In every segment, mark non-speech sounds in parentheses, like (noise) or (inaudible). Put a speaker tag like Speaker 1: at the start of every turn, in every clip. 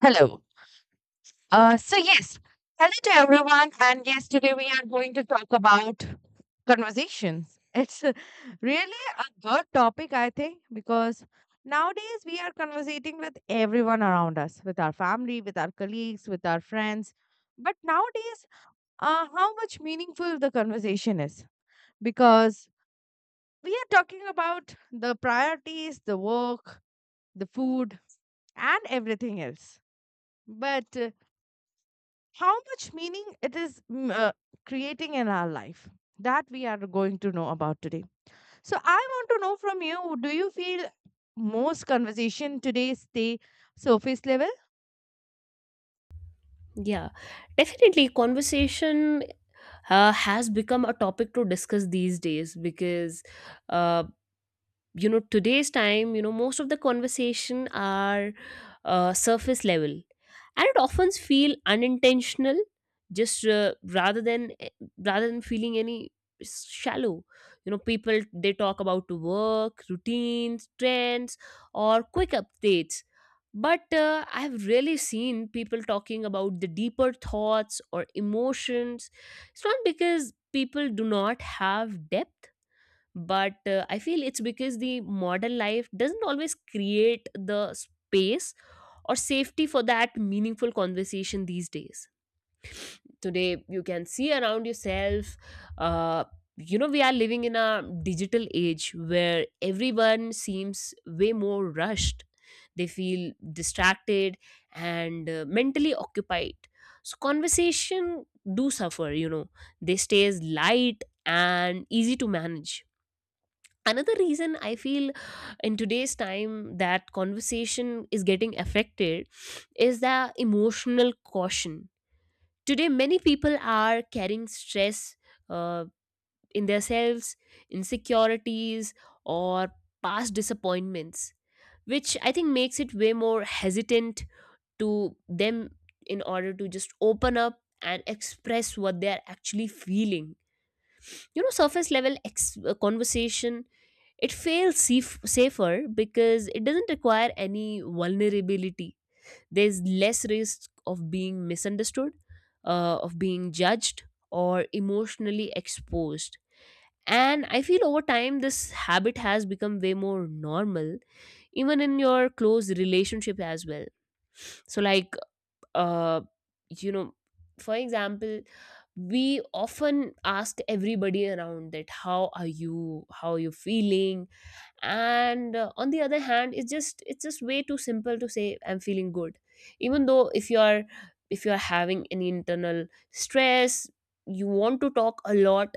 Speaker 1: Hello. So yes, hello to everyone. And yes, today we are going to talk about conversations. Really a good topic, I think, because nowadays we are conversating with everyone around us, with our family, with our colleagues, with our friends. But nowadays, how much meaningful the conversation is, because we are talking about the priorities, the work, the food, and everything else. But How much meaning it is creating in our life that we are going to know about today. So I want to know from you, do you feel most conversation today stay surface level?
Speaker 2: Yeah, definitely. Conversation has become a topic to discuss these days because uh, you know today's time, you know, most of the conversation are surface level and it often feel unintentional. Just rather than feeling any shallow, you know, people they talk about work, routines, trends or quick updates, but I've really seen people talking about the deeper thoughts or emotions. It's not because people do not have depth, but I feel it's because the modern life doesn't always create the space or safety for that meaningful conversation these days. Today you can see around yourself. uh, you know, we are living in a digital age where everyone seems way more rushed. They feel distracted and mentally occupied. So conversation do suffer, you know, they stays light and easy to manage. Another reason I feel, in today's time, that conversation is getting affected is the emotional caution. Today many people are carrying stress, uh, in themselves, insecurities or past disappointments, which I think makes it way more hesitant to them in order to just open up and express what they are actually feeling. Surface level conversation, it feels safe, safer because it doesn't require any vulnerability. There's less risk of being misunderstood, of being judged, or emotionally exposed. And I feel over time this habit has become way more normal, even in your close relationship as well. So, like, uh, you know, for example, we often ask everybody around that how are you feeling, and on the other hand it's just way too simple to say I'm feeling good, even though if you're having any internal stress you want to talk a lot,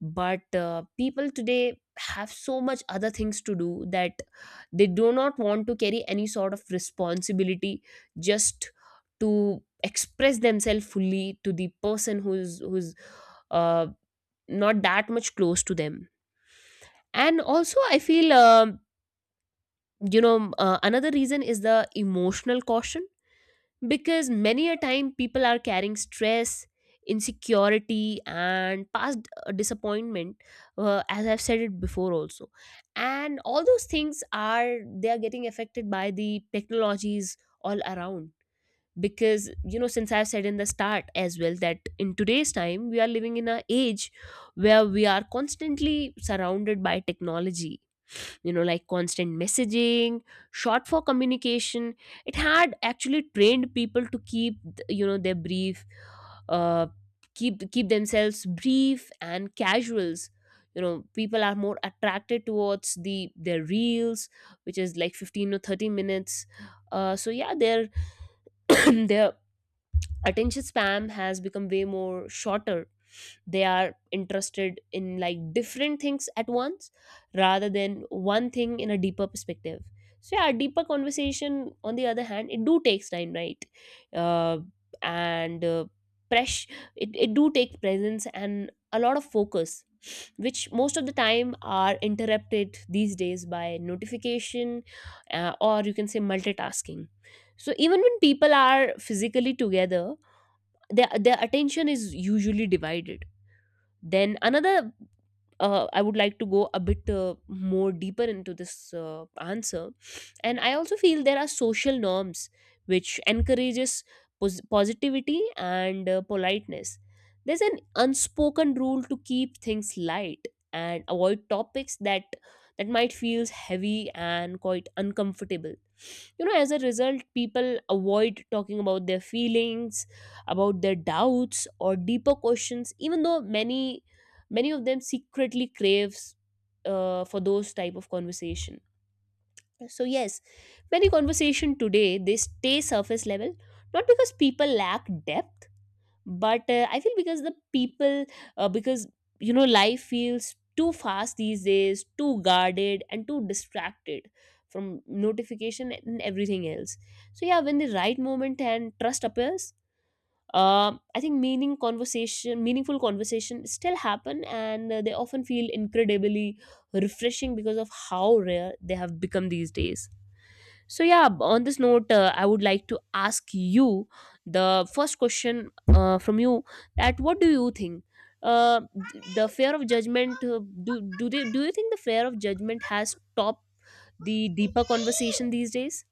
Speaker 2: but people today have so much other things to do that they do not want to carry any sort of responsibility just to express themselves fully to the person who's uh, not that much close to them. And also I feel you know, another reason is the emotional caution, because many a time people are carrying stress, insecurity and past disappointment, as I've said it before also. And all those things are, they are getting affected by the technologies all around, because you know, since I've said in the start as well, that in today's time we are living in an age where we are constantly surrounded by technology. You know, like constant messaging, short for communication, it had actually trained people to keep, you know, their brief, uh, keep themselves brief and casuals. You know, people are more attracted towards the their reels, which is like 15 or 30 minutes. So yeah, their (clears throat) their attention spam has become way more shorter. They are interested in like different things at once, rather than one thing in a deeper perspective. So yeah, deeper conversation on the other hand, it do takes time, right? uh, and press It do take presence and a lot of focus, which most of the time are interrupted these days by notification, or you can say multitasking. So even when people are physically together, their attention is usually divided. Then another, I would like to go a bit more deeper into this answer. And I also feel there are social norms which encourages positivity and politeness. There's an unspoken rule to keep things light and avoid topics that might feels heavy and quite uncomfortable. You know, as a result, people avoid talking about their feelings, about their doubts or deeper questions, even though many of them secretly craves for those type of conversation. So yes, many conversation today they stay surface level, not because people lack depth, but I feel because the people, because you know life feels too fast these days, too guarded and too distracted from notification and everything else. So yeah, when the right moment and trust appears, I think meaningful conversation still happen, and they often feel incredibly refreshing because of how rare they have become these days. So yeah, on this note I would like to ask you the first question from you, that what do you think, uh, the fear of judgment, do you think the fear of judgment has stopped the deeper conversation these days?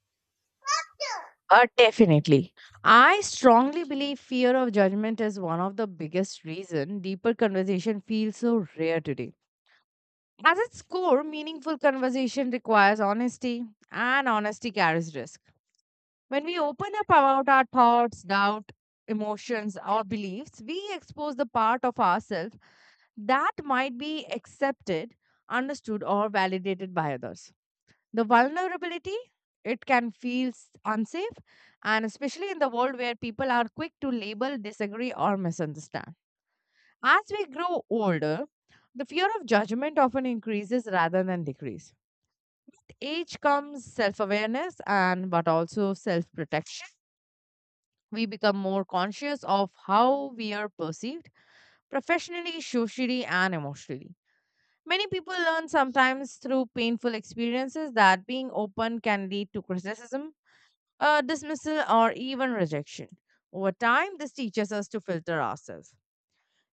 Speaker 1: Definitely. I strongly believe fear of judgment is one of the biggest reason deeper conversation feels so rare today. At its core, meaningful conversation requires honesty, and honesty carries risk. When we open up about our thoughts, doubt, emotions, or beliefs, we expose the part of ourselves that might be accepted, understood, or validated by others. The vulnerability, it can feel unsafe, and especially in the world where people are quick to label, disagree, or misunderstand. As we grow older, the fear of judgment often increases rather than decrease. Age comes self awareness and but also self protection. We become more conscious of how we are perceived professionally, socially, and emotionally. Many people learn sometimes through painful experiences that being open can lead to criticism, dismissal, or even rejection. Over time, this teaches us to filter ourselves.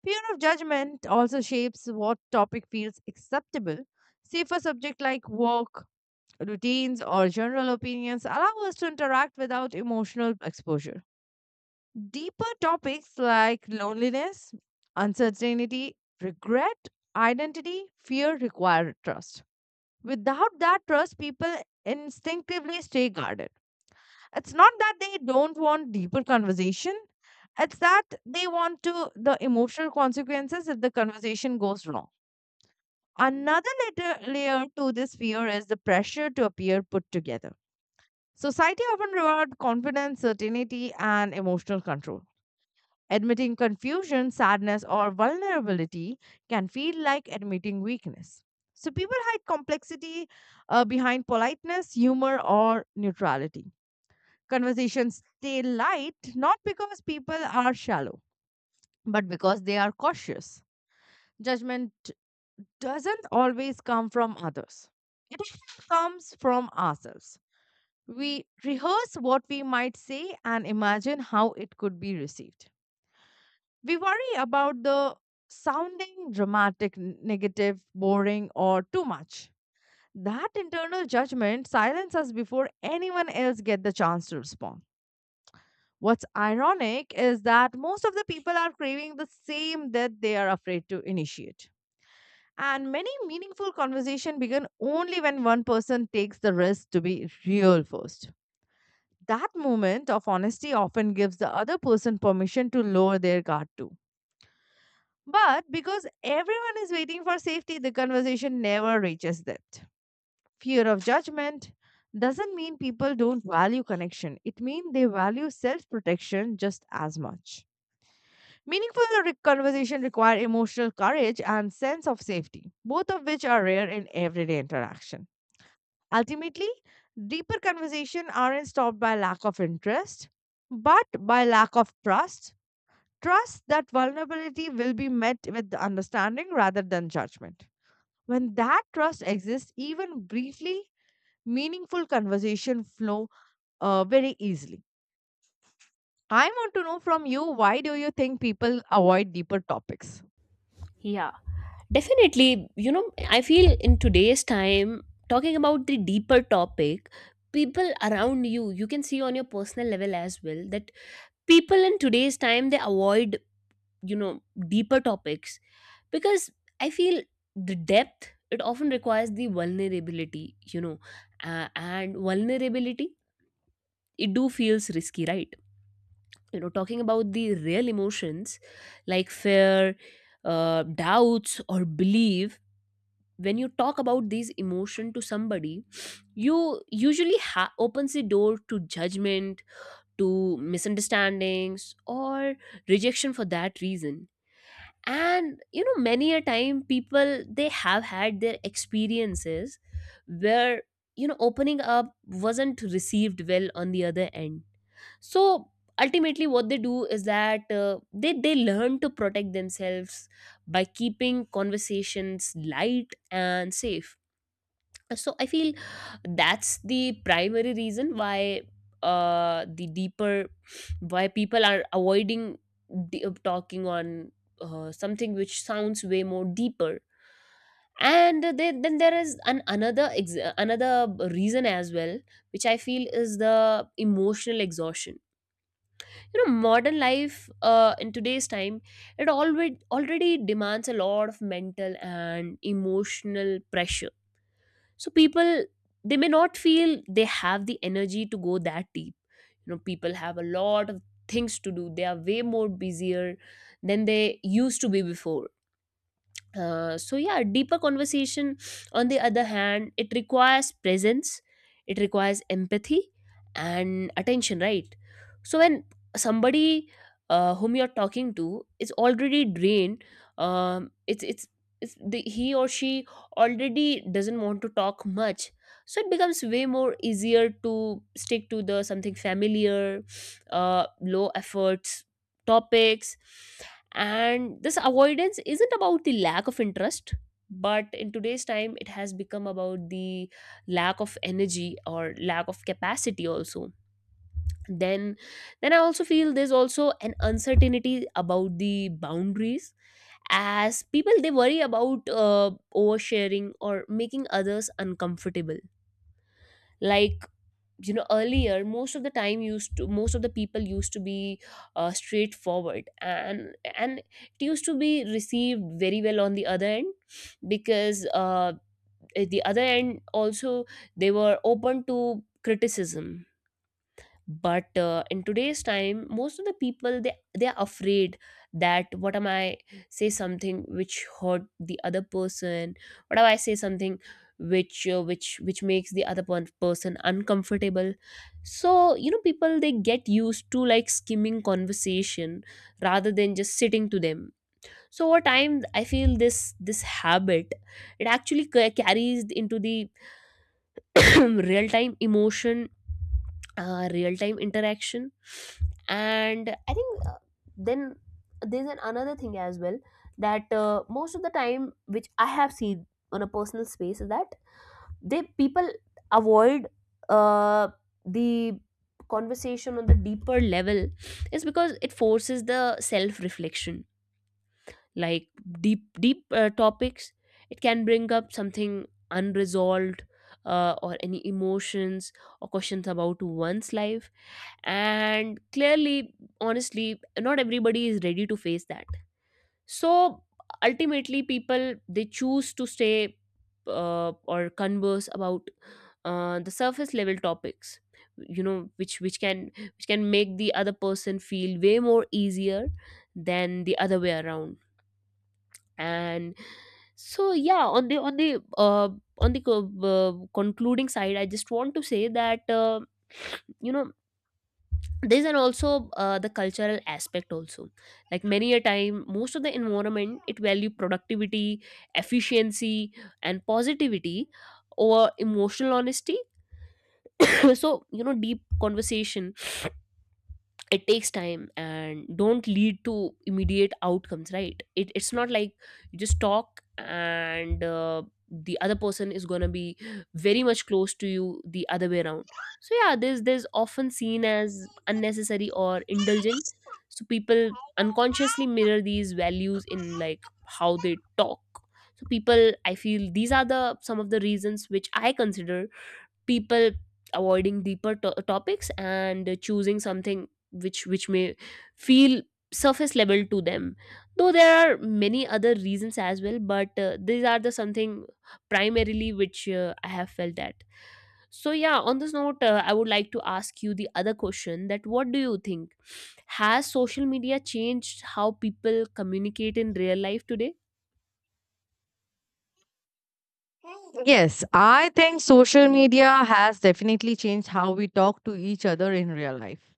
Speaker 1: Fear of judgment also shapes what topic feels acceptable. Safer subject like work, routines, or general opinions allow us to interact without emotional exposure. Deeper topics like loneliness, uncertainty, regret, identity, fear require trust. Without that trust, people instinctively stay guarded. It's not that they don't want deeper conversation, it's that they want to the emotional consequences if the conversation goes wrong. Another later layer to this fear is the pressure to appear put together. Society often reward confidence, certainty, and emotional control. Admitting confusion, sadness, or vulnerability can feel like admitting weakness. So people hide complexity behind politeness, humor, or neutrality. Conversations stay light not because people are shallow, but because they are cautious. Judgment doesn't always come from others, it often comes from ourselves. We rehearse what we might say and imagine how it could be received. We worry about the sounding dramatic, negative, boring, or too much. That internal judgment silences us before anyone else get the chance to respond. What's ironic is that most of the people are craving the same that they are afraid to initiate. And many meaningful conversation begin only when one person takes the risk to be real first. That moment of honesty often gives the other person permission to lower their guard too. But because everyone is waiting for safety, the conversation never reaches that. Fear of judgment doesn't mean people don't value connection. It means they value self-protection just as much. Conversation require emotional courage and sense of safety, both of which are rare in everyday interaction. Ultimately, deeper conversation aren't stopped by lack of interest, but by lack of trust. Trust that vulnerability will be met with understanding rather than judgment. When that trust exists, even briefly, meaningful conversation flow very easily. I want to know from you, why do you think people avoid deeper topics?
Speaker 2: Yeah. Definitely, you know, I feel in today's time, talking about the deeper topic, people around you, you can see on your personal level as well that people in today's time they avoid, you know, deeper topics because I feel the depth it often requires the vulnerability, you know, and vulnerability it do feels risky, right? You know, talking about the real emotions like fear, doubts, or belief, when you talk about these emotion to somebody you usually opens the door to judgment, to misunderstandings or rejection for that reason. And you know, many a time people they have had their experiences where, you know, opening up wasn't received well on the other end. So ultimately what they do is that they learn to protect themselves by keeping conversations light and safe. So I feel that's the primary reason why, the deeper why people are avoiding, talking on something which sounds way more deeper. And then there is an another another reason as well, which I feel is the emotional exhaustion. You know, modern life, in today's time, it already demands a lot of mental and emotional pressure, so people, they may not feel they have the energy to go that deep. You know, people have a lot of things to do, they are way more busier than they used to be before. So yeah, deeper conversation on the other hand, it requires presence, it requires empathy and attention, right? So when somebody whom you're talking to is already drained, um, it's it's he or she already doesn't want to talk much. So it becomes way more easier to stick to the something familiar, low efforts topics. And this avoidance isn't about the lack of interest, but in today's time it has become about the lack of energy or lack of capacity also. then then I also feel there's also an uncertainty about the boundaries, as people they worry about oversharing or making others uncomfortable. Like, you know, earlier most of the time used to, most of the people used to be straightforward, and it used to be received very well on the other end, because at the other end also they were open to criticism. But in today's time most of the people, they are afraid that what am I say something which hurt the other person, what am I say something which, which makes the other person uncomfortable. So you know, people they get used to like skimming conversation rather than just sitting to them. So over time I feel this habit, it actually carries into the (clears throat) real time emotion, real time interaction. And I think then there's an another thing as well, that most of the time, which I have seen on a personal space, is that they, people avoid uh, the conversation on the deeper level, is because it forces the self reflection. Like deep topics, it can bring up something unresolved, or any emotions or questions about one's life. And clearly, honestly, not everybody is ready to face that. So ultimately people they choose to stay or converse about the surface level topics, you know, which can, which can make the other person feel way more easier than the other way around. And so yeah, on the concluding side, I just want to say that, you know, there's an also, the cultural aspect also. Like, many a time most of the environment, it value productivity, efficiency and positivity over emotional honesty. (coughs) So you know, deep conversation, it takes time and don't lead to immediate outcomes, right? It's not like you just talk and, the other person is going to be very much close to you the other way around. So yeah, this often seen as unnecessary or indulgent. So people unconsciously mirror these values in like how they talk. So people, I feel these are the some of the reasons which I consider people avoiding deeper topics and choosing something which may feel surface level to them. Though there are many other reasons as well, but these are the something primarily which I have felt that. So yeah, on this note I would like to ask you the other question, that What do you think, has social media changed how people communicate in real life today?
Speaker 1: Yes, I think social media has definitely changed how we talk to each other in real life.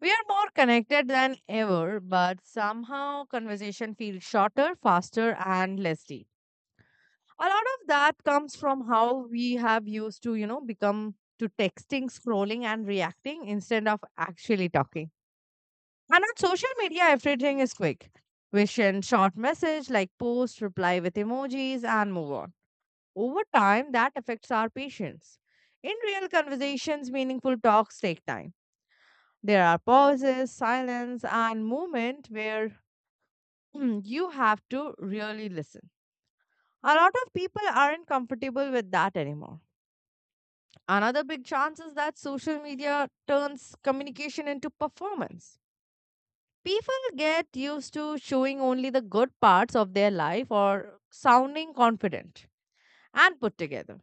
Speaker 1: We are more connected than ever, but somehow conversation feels shorter, faster, and less deep. A lot of that comes from how we have used to become to texting, scrolling, and reacting instead of actually talking. And on social media everything is quick. We send short message like post, reply with emojis, and move on. Over time that affects our patience. In real conversations, meaningful talks take time. There are pauses, silence, and movement where (clears throat) you have to really listen. A lot of people aren't comfortable with that anymore. Another big chance is that social media turns communication into performance. People get used to showing only the good parts of their life or sounding confident and put together.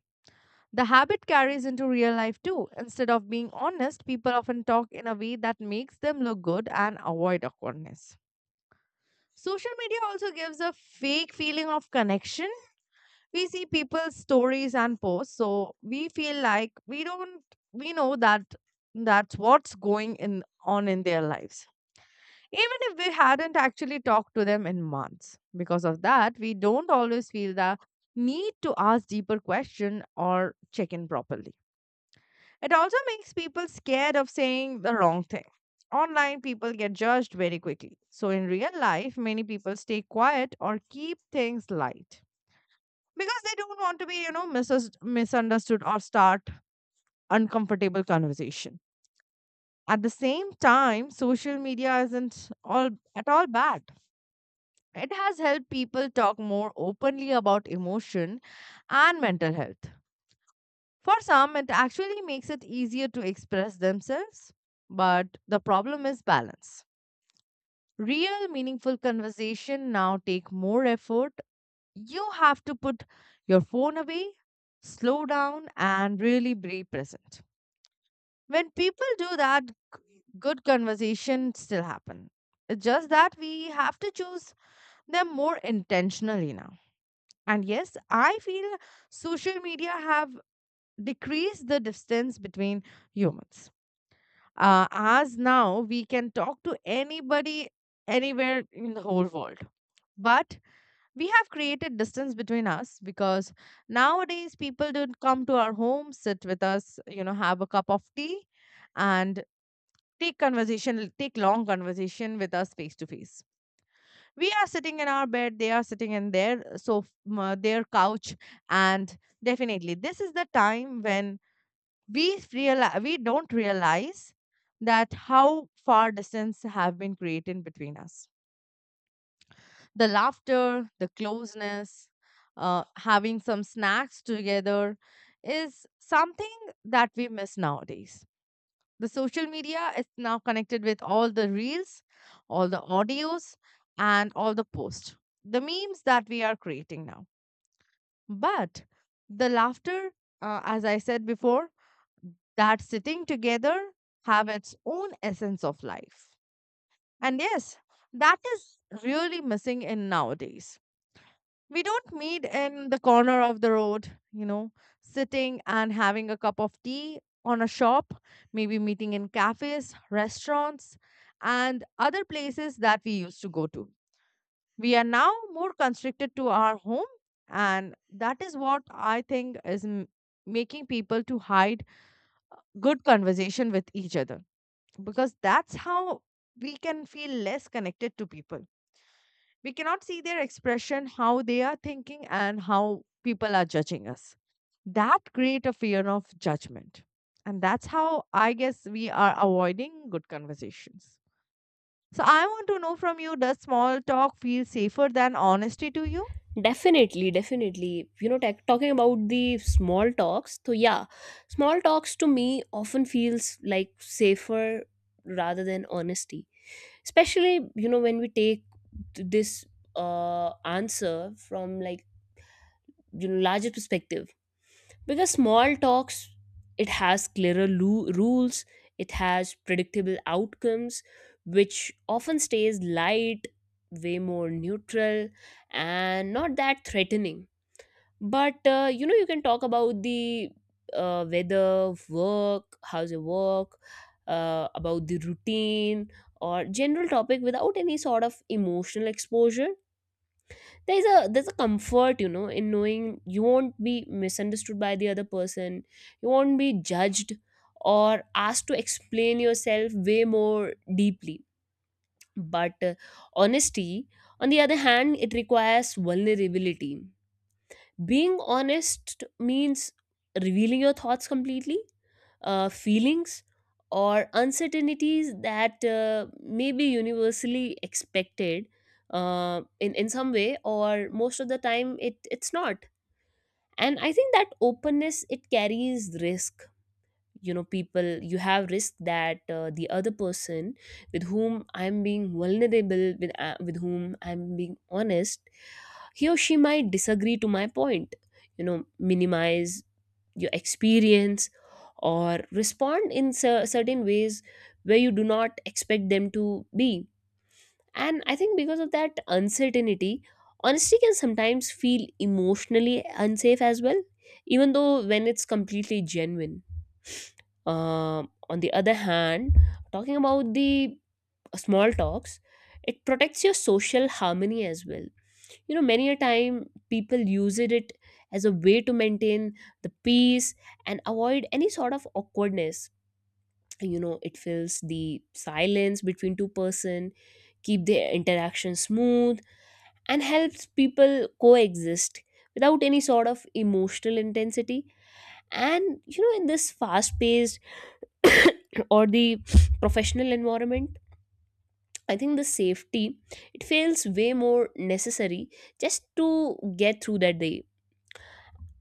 Speaker 1: The habit carries into real life too. Instead of being honest, people often talk in a way that makes them look good and avoid awkwardness. Social media also gives a fake feeling of connection. We see people's stories and posts, so we feel like we don't we know that that's what's going in on in their lives, even if we hadn't actually talked to them in months. Because of that, we don't always feel the need to ask deeper question or check in properly. It also makes people scared of saying the wrong thing. Online, people get judged very quickly, so in real life many people stay quiet or keep things light, because they don't want to be, you know, misunderstood or start uncomfortable conversation. At the same time, social media isn't all at all bad. It has helped people talk more openly about emotion and mental health. For some it actually makes it easier to express themselves. But the problem is balance. Real meaningful conversation now take more effort. You have to put your phone away, slow down, and really be present. When people do that, good conversation still happen. It's just that we have to choose them more intentionally now. And yes, I feel social media have decreased the distance between humans. As now we can talk to anybody anywhere in the whole world. But we have created distance between us because nowadays people don't come to our home, sit with us, you know, have a cup of tea, and take long conversation with us face to face. We are sitting in our bed, they are sitting in their, so, their couch. And definitely this is the time when we we don't realize that how far distance have been created between us. The laughter, the closeness, having some snacks together is something that we miss nowadays. The social media is now connected with all the reels, all the audios, and all the posts, the memes that we are creating now. But the laughter, as I said before, that sitting together have its own essence of life. And yes, that is really missing in nowadays. We don't meet in the corner of the road, you know, sitting and having a cup of tea on a shop, maybe meeting in cafes, restaurants, and other places that we used to go to. We are now more constricted to our home, and that is what I think is making people to hide good conversation with each other, because that's how we can feel less connected to people. We cannot see their expression, how they are thinking, and how people are judging us. That create a fear of judgment. And that's how I guess we are avoiding good conversations. So I want to know from you, does small talk feel safer than honesty to you?
Speaker 2: Definitely, definitely. You know, tech talking about the small talks, so yeah, small talks to me often feels like safer rather than honesty. Especially, you know, when we take this answer from, like, you know, larger perspective. Because small talks, it has clearer rules, it has predictable outcomes, which often stays light, way more neutral, and not that threatening, but you know, you can talk about the weather, work, how's your work, about the routine or general topic without any sort of emotional exposure. There's a comfort, you know, in knowing you won't be misunderstood by the other person, you won't be judged or asked to explain yourself way more deeply. But honesty, on the other hand, it requires vulnerability. Being honest means revealing your thoughts completely, feelings, or uncertainties that may be universally expected in some way, or most of the time it's not. And I think that openness, it carries risk. You know, people, you have risk that the other person with whom I'm being vulnerable with, with whom I'm being honest, he or she might disagree to my point, you know, minimize your experience or respond in certain ways where you do not expect them to be. And I think because of that uncertainty, honesty can sometimes feel emotionally unsafe as well, even though when it's completely genuine. On the other hand, talking about the small talks, it protects your social harmony as well. You know, many a time people use it as a way to maintain the peace and avoid any sort of awkwardness. You know, it fills the silence between two-person, keep their interaction smooth, and helps people coexist without any sort of emotional intensity. And you know, in this fast-paced (coughs) or the professional environment, I think the safety, it feels way more necessary just to get through that day.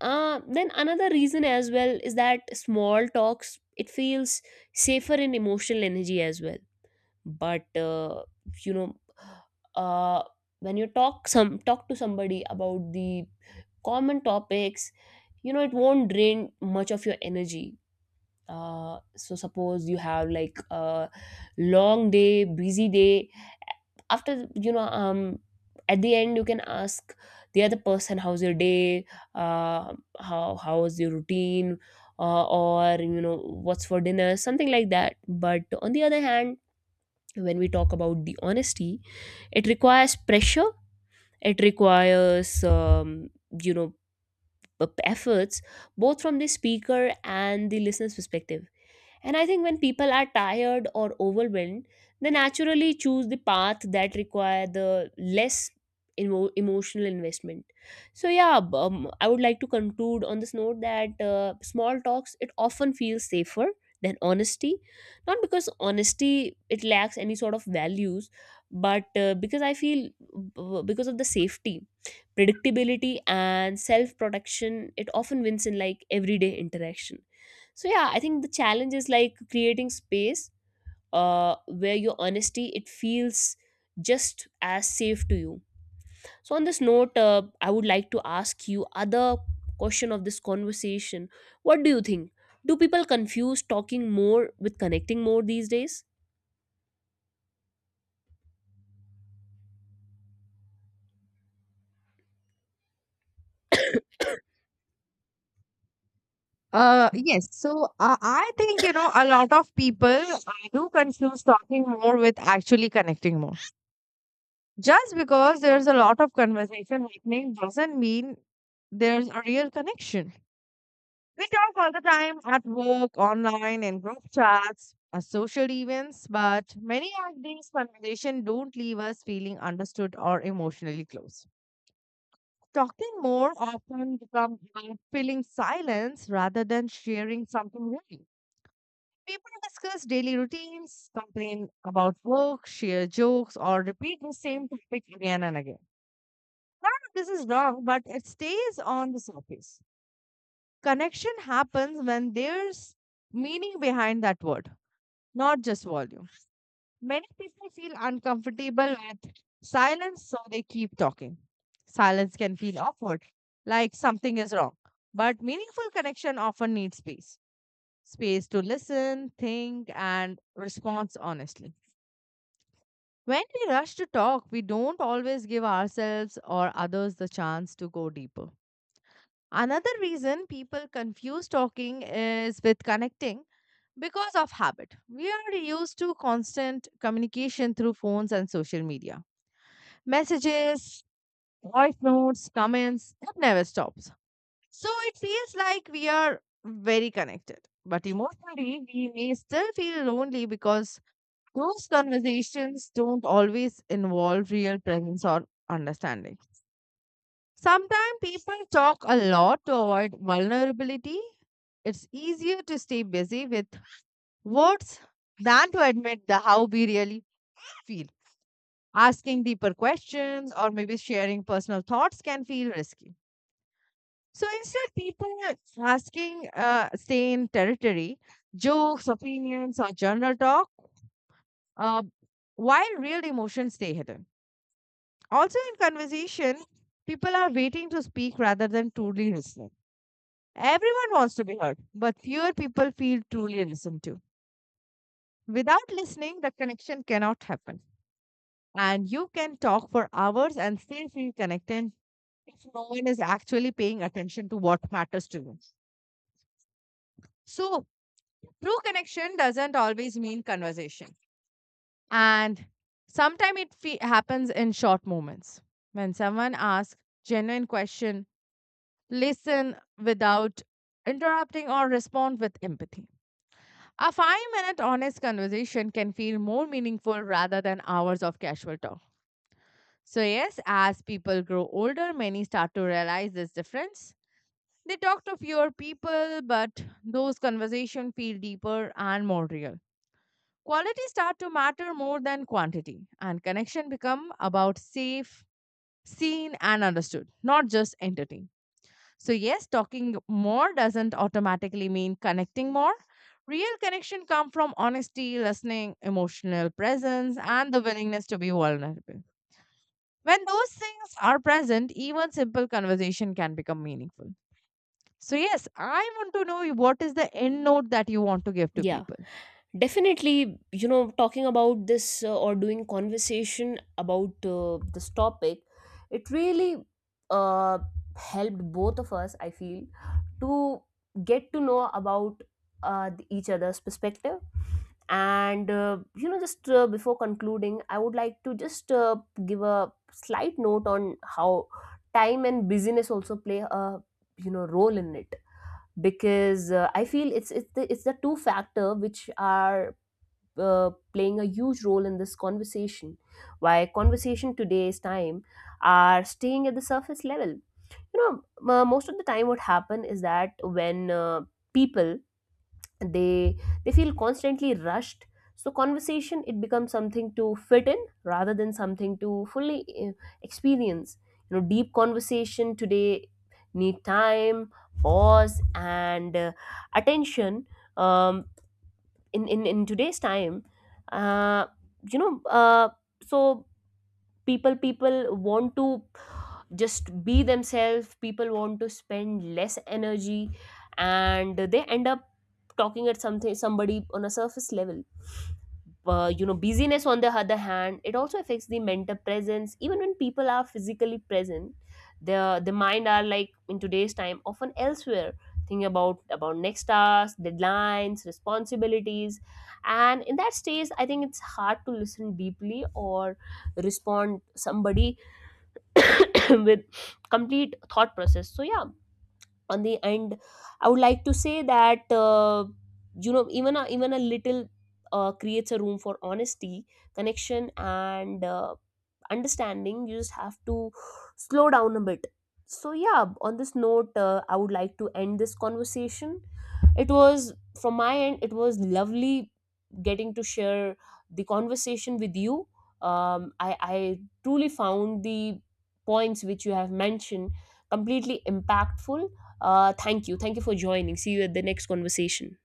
Speaker 2: Then another reason as well is that small talks, it feels safer in emotional energy as well. But you know, uh, when you talk to somebody about the common topics, you know, it won't drain much of your energy. So suppose you have like a long day, busy day, after, at the end you can ask the other person how's your day, uh, how was your routine, or you know, what's for dinner, something like that. But on the other hand, when we talk about the honesty, it requires pressure, it requires, you know, efforts, both from the speaker and the listener's perspective. And I think when people are tired or overwhelmed, they naturally choose the path that require the less emotional investment. So yeah, I would like to conclude on this note that small talks, it often feels safer than honesty, not because honesty it lacks any sort of values, but because I feel, because of the safety, predictability, and self protection, it often wins in like everyday interaction. So yeah, I think the challenge is like creating space where your honesty, it feels just as safe to you. So on this note, I would like to ask you other question of this conversation. What do you think, do people confuse talking more with connecting more these days?
Speaker 1: Yes. So I think, you know, a lot of people do confuse talking more with actually connecting more. Just because there's a lot of conversation happening doesn't mean there's a real connection. We talk all the time at work, online, in group chats, at social events, but many of these conversations don't leave us feeling understood or emotionally close. Talking more often becomes about filling silence rather than sharing something real. People discuss daily routines, complain about work, share jokes, or repeat the same topic again and again. This is wrong, but it stays on the surface. Connection happens when there's meaning behind that word, not just volume. Many people feel uncomfortable with silence, so they keep talking. Silence can feel awkward, like something is wrong. But meaningful connection often needs space, space to listen, think, and respond honestly. When we rush to talk, we don't always give ourselves or others the chance to go deeper. Another reason people confuse talking is with connecting. Because of habit, we are used to constant communication through phones and social media. Messages, voice notes, comments, it never stops. So it feels like we are very connected. But emotionally, we may still feel lonely because those conversations don't always involve real presence or understanding. Sometimes people talk a lot to avoid vulnerability. It's easier to stay busy with words than to admit the how we really feel. Asking deeper questions or maybe sharing personal thoughts can feel risky. So instead, people asking stay in territory, jokes, opinions, or general talk, uh, while real emotions stay hidden. Also, in conversation, people are waiting to speak rather than truly listening. Everyone wants to be heard, but fewer people feel truly listened to. Without listening, the connection cannot happen. And you can talk for hours and still feel connected if no one is actually paying attention to what matters to you. So, true connection doesn't always mean conversation. And sometimes it happens in short moments. When someone asks genuine question, listen without interrupting or respond with empathy. A 5 minute honest conversation can feel more meaningful rather than hours of casual talk. So, yes, as people grow older, many start to realize this difference. They talk to fewer people, but those conversations feel deeper and more real. Quality start to matter more than quantity, and connection become about safe, seen, and understood, not just entertained. So, yes, talking more doesn't automatically mean connecting more. Real connection come from honesty, listening, emotional presence, and the willingness to be vulnerable. When those things are present, even simple conversation can become meaningful. So, yes, I want to know what is the end note that you want to give to
Speaker 2: Yeah.
Speaker 1: people.
Speaker 2: Definitely, you know, talking about this or doing conversation about this topic, it really, uh, helped both of us, I feel, to get to know about each other's perspective. And you know, just before concluding, I would like to just give a slight note on how time and busyness also play a, you know, role in it, because I feel it's the two factor which are playing a huge role in this conversation. Why conversation today's time are staying at the surface level. You know, most of the time, what happen is that when people, they they feel constantly rushed. So conversation, it becomes something to fit in rather than something to fully, experience. You know, deep conversation today need time, pause, and attention, um, in today's time, uh, you know, so people want to just be themselves, people want to spend less energy, and they end up talking at something, somebody on a surface level. You know, busyness on the other hand, it also affects the mental presence. Even when people are physically present, the mind are like in today's time often elsewhere, thinking about next task, deadlines, responsibilities. And in that stage, I think it's hard to listen deeply or respond somebody (laughs) with complete thought process. So yeah, on the end I would like to say that you know, even a little creates a room for honesty, connection, and understanding. You just have to slow down a bit. So yeah, on this note, I would like to end this conversation. It was, from my end, it was lovely getting to share the conversation with you. I truly found the points which you have mentioned completely impactful. Thank you, thank you for joining. See you at the next conversation.